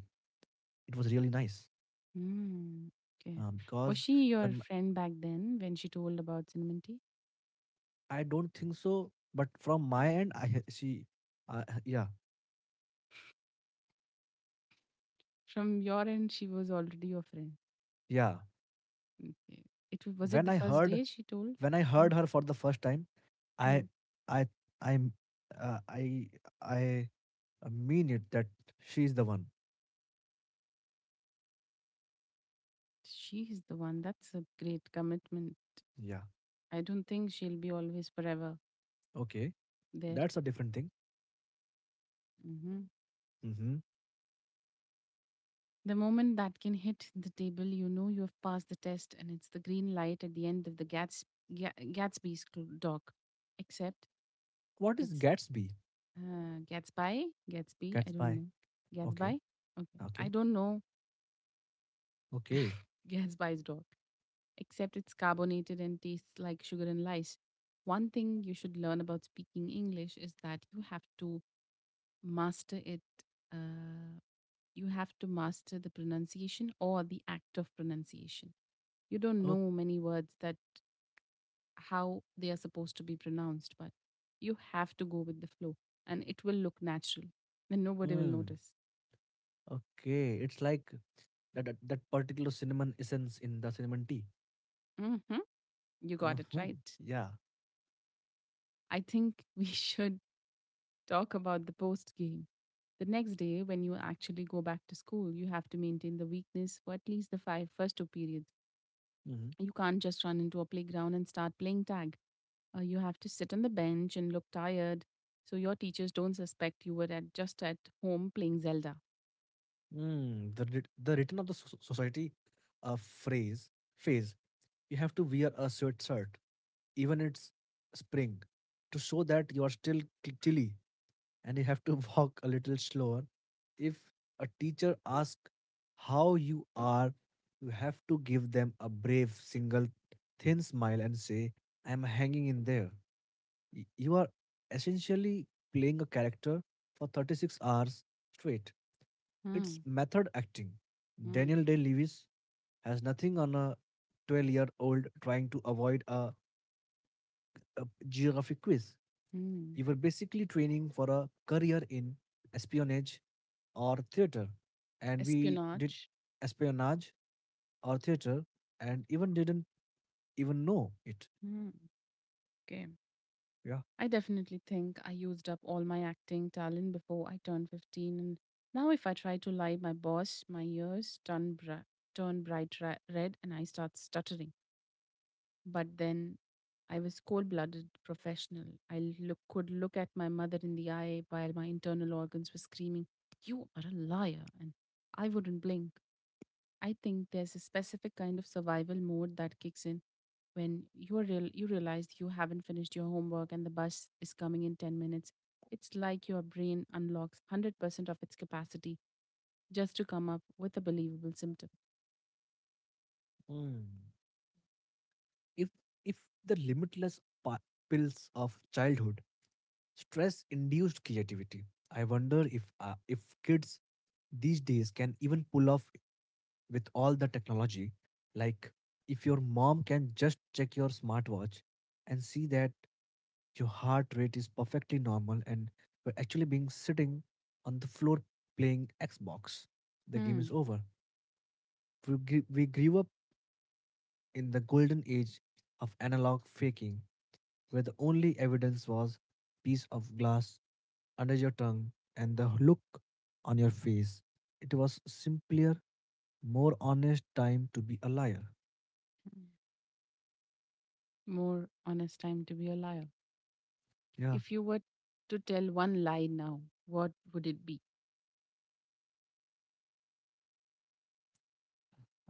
it was really nice, Mm, okay. Was because she your when m- friend back then when she told about cinnamon tea? I don't think so, but from my end, yeah, From your end, she was already your friend. yeah. Okay. Was it When the I first heard day she told? when I heard her for the first time, I Mm-hmm. I I uh, I I I mean it that she's the one. She's the one. That's a great commitment. Yeah. I don't think she'll be always forever Okay. there. That's a different thing. Hmm. Mm-hmm. The moment that can hit the table, you know you have passed the test, and it's the green light at the end of the Gatsby's dock. Except What is it's Gatsby? Gatsby? I don't Gatsby. know. Okay. Gatsby? Okay. I Okay. don't know. Okay. (laughs) Gatsby's dog, except it's carbonated and tastes like sugar and lice. One thing you should learn about speaking English is that you have to master it. Uh, you have to master the pronunciation or the act of pronunciation. You don't Okay. know many words that how they are supposed to be pronounced, but you have to go with the flow and it will look natural and nobody will Mm. notice. Okay. It's like that particular cinnamon essence in the cinnamon tea. Hmm. You got it Mm-hmm. right. Yeah. I think we (laughs) should talk about the post game. The next day, when you actually go back to school, you have to maintain the weakness for at least the five first two periods. Mm-hmm. You can't just run into a playground and start playing tag. You have to sit on the bench and look tired so your teachers don't suspect you were at just at home playing Zelda. Mm. The the return of the society, a phrase phase. You have to wear a sweatshirt even it's spring to show that you are still chilly, and you have to (laughs) walk a little slower. If a teacher asks how you are, you have to give them a brave, single, thin smile and say, "I'm hanging in there." You are essentially playing a character for 36 hours straight. It's Hmm. method acting. Hmm. Daniel Day Lewis has nothing on a 12-year-old trying to avoid a geographic quiz. Hmm. You were basically training for a career in espionage or theater, and we did Espionage. espionage or theater and even didn't even know it. Hmm. Okay. Yeah. I definitely think I used up all my acting talent before I turned 15, and now if I try to lie, my ears turn, turn bright red and I start stuttering. But then I was cold blooded professional. Could look at my mother in the eye while my internal organs were screaming, you are a liar! And I wouldn't blink. I think there's a specific kind of survival mode that kicks in when you realize you haven't finished your homework and the bus is coming in 10 minutes. It's like your brain unlocks 100% of its capacity just to come up with a believable symptom. Mm. if if the limitless pills of childhood. Stress induced creativity. I wonder if kids these days can even pull off with all the technology. Like if your mom can just check your smartwatch and see that your heart rate is perfectly normal and you're actually being sitting on the floor playing Xbox. The game is Hmm. over. We grew up in the golden age of analog faking, where the only evidence was piece of glass under your tongue and the look on your face. It was simpler, more honest time to be a liar. More honest time to be a liar. Yeah, If you were to tell one lie now, what would it be?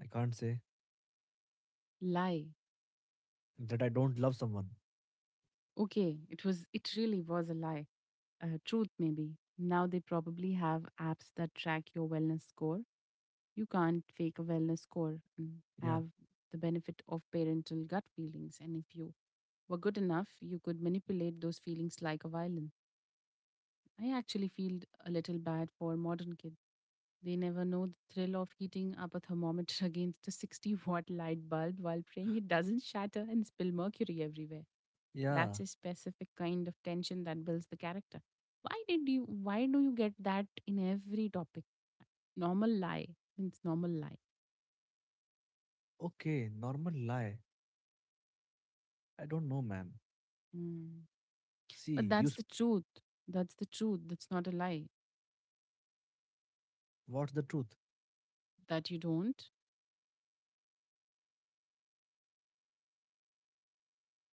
I can't say Lie. that I don't love someone. Okay, it was it really was a lie. Truth maybe. Now they probably have apps that track your wellness score. You can't fake a wellness score and Yeah, have the benefit of parental gut feelings. And if you were good enough, you could manipulate those feelings like a violin. I actually feel a little bad for modern kids. They never know the thrill of heating up a thermometer (laughs) against a 60-watt light bulb while praying it doesn't shatter and spill mercury everywhere. yeah. That's a specific kind of tension that builds the character. Why do you get that in every topic? Normal lie means normal lie. Okay, normal lie. I don't know, man. Mm. But See, you that's s- the truth. That's the truth. That's not a lie what's the truth? that you don't.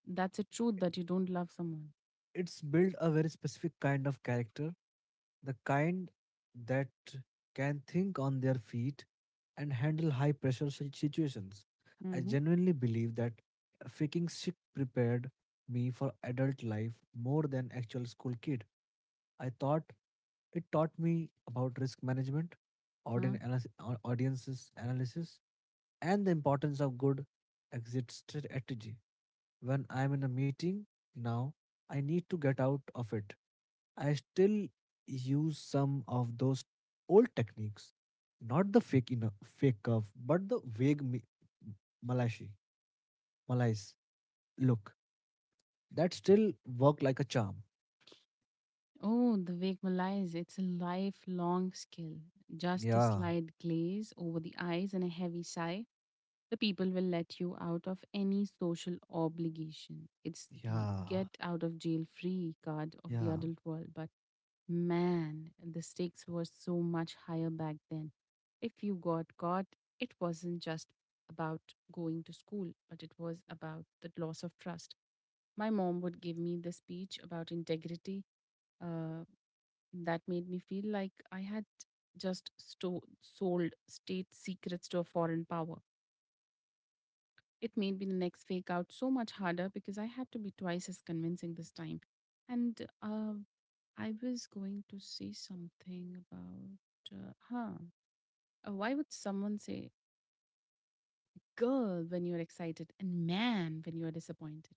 That's a truth that you don't love someone. It's built a very specific kind of character, the kind that can think on their feet and handle high pressure situations. I Mm-hmm. genuinely believe that faking sick prepared me for adult life more than actual school kid. I thought it taught me about risk management, Huh? Audiences analysis, and the importance of good exit strategy. When I'm in a meeting now, I need to get out of it. I still use some of those old techniques, not the fake cuff, but the vague malaise, malaise look that still work like a charm. Oh, the wake malaise. It's a lifelong skill. Just a Yeah, slight glaze over the eyes and a heavy sigh. The people will let you out of any social obligation. It's the yeah, get out of jail free card of the yeah. adult world. But man, the stakes were so much higher back then. If you got caught, it wasn't just about going to school, but it was about the loss of trust. My mom would give me the speech about integrity, uh, that made me feel like I had just sold state secrets to a foreign power. It made me the next fake out so much harder because I had to be twice as convincing this time. And I was going to say something about, huh? Why would someone say girl when you're excited and man when you're disappointed?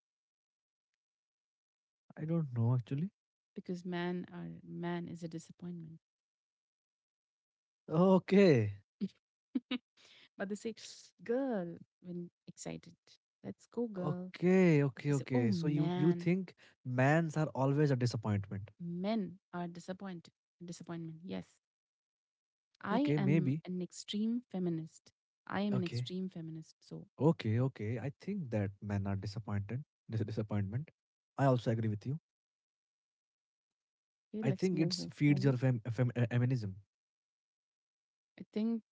I don't know actually. Because man is a disappointment. Okay, (laughs) But they say (sniffs) girl when excited. Let's go, girl. okay, But okay, they say, oh okay. So you man, think mans are always a disappointment? men are disappointed. Disappointment. Yes, I Okay, am maybe. an extreme feminist. I am an Okay, extreme feminist. So, okay, yeah. okay. I think that men are disappointed. This disappointment. I also agree with you. Okay, I let's think move it's o- feeds your forward. Feminism. I think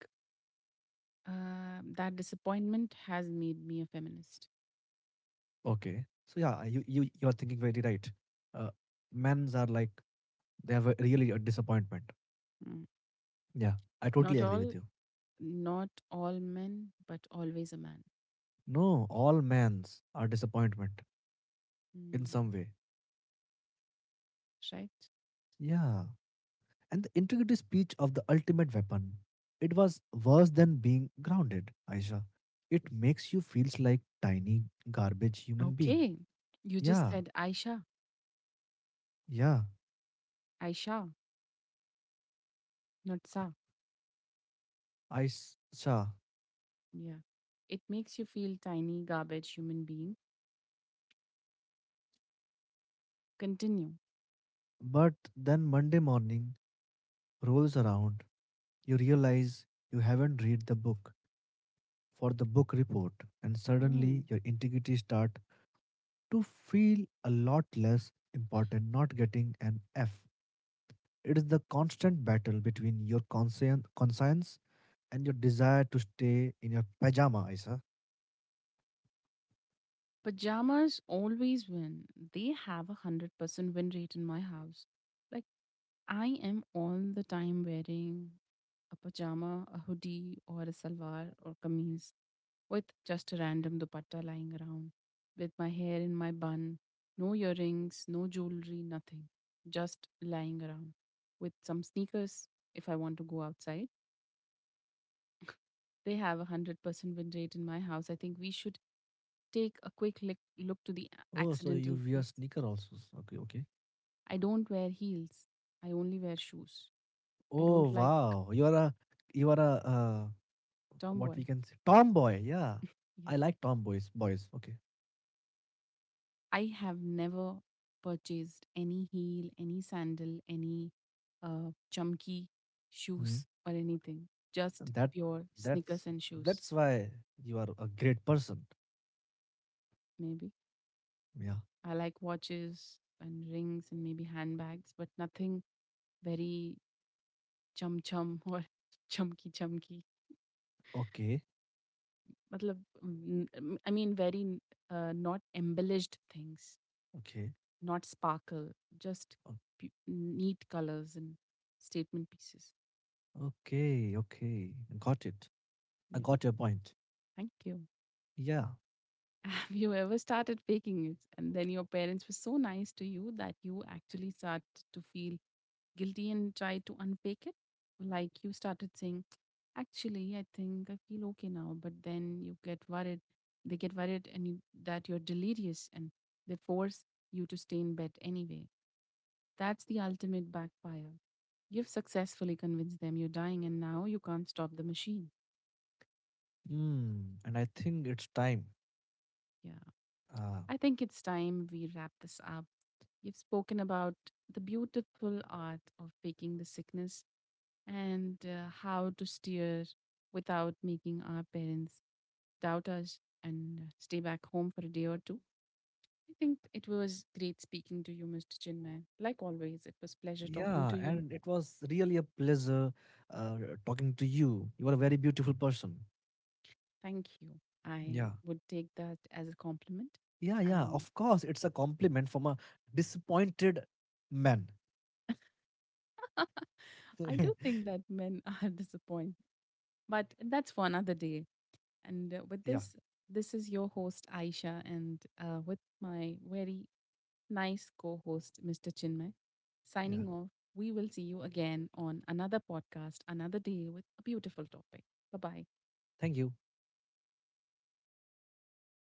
That disappointment has made me a feminist. Okay. So yeah, you are thinking very right. Uh, Men's are like they have a, really a disappointment. Mm. Yeah, I totally Not agree all, with you. not all men, but always a man. No, all men's are disappointment in some Mm. way. Right? Yeah, and the integrity speech of the ultimate weapon. It was worse than being grounded, Aisha. It makes you feels like tiny garbage human being. Okay. You just Yeah, said Aisha, yeah, Aisha, not Sa. Saw. Yeah. It makes you feel tiny, garbage human being. Continue. But then Monday morning rolls around. You realize you haven't read the book for the book report, and Mm. suddenly your integrity start to feel a lot less important. Not getting an F. It is the constant battle between your conscience and your desire to stay in your pajama, Isa. Pajamas always win. They have 100% win rate in my house. Like. I am all the time wearing a pajama, a hoodie, or a salwar or kameez with just a random dupatta lying around, with my hair in my bun, no earrings, no jewelry, nothing, just lying around, with some sneakers if I want to go outside. They have a 100% win rate in my house. I think we should take a quick look to the Oh, so you accidental wear fix. sneaker also? Okay, okay. I don't wear heels. I only wear shoes. I Oh don't like wow, you are a, what tomboy. we can say, tomboy. Yeah, Yeah. I like tomboys boys. Okay. I have never purchased any heel, any sandal, any chumki Mm. shoes or anything. Just that pure that's sneakers and shoes, that's why you are a great person. maybe. Yeah, I like watches and rings and maybe handbags, but nothing very chum chum or (laughs) chumki chumki. okay, Matlab, I mean, not embellished things, okay not sparkle, just neat colors and statement pieces. Okay. Okay, got it. I Yeah. got your point. Thank you. Yeah. Have you ever started faking it? And then your parents were so nice to you that you actually start to feel guilty and try to unfake it? Like you started saying, actually, I think I feel okay now, but then you get worried. They get worried and that you're delirious and they force you to stay in bed anyway. That's the ultimate backfire. You've successfully convinced them you're dying and now you can't stop the machine. Mm, and I think it's time. Yeah. uh, I think it's time we wrap this up. We've spoken about the beautiful art of faking the sickness and how to steer without making our parents doubt us and stay back home for a day or two. I think it was great speaking to you, Mr. Chinman. Like always, it was pleasure talking yeah, to you. and it was really a pleasure uh, talking to you. You are a very beautiful person. Thank you. I yeah would take that as a compliment. yeah yeah And of course it's a compliment from a disappointed man. I do (laughs) think that men (laughs) are disappointed, but that's for another day. And with Yeah. this, this is your host, Aisha, and with my very nice co host, Mr. Chinmay, Yeah. signing off. We will see you again on another podcast, another day with a beautiful topic. Bye bye. Thank you.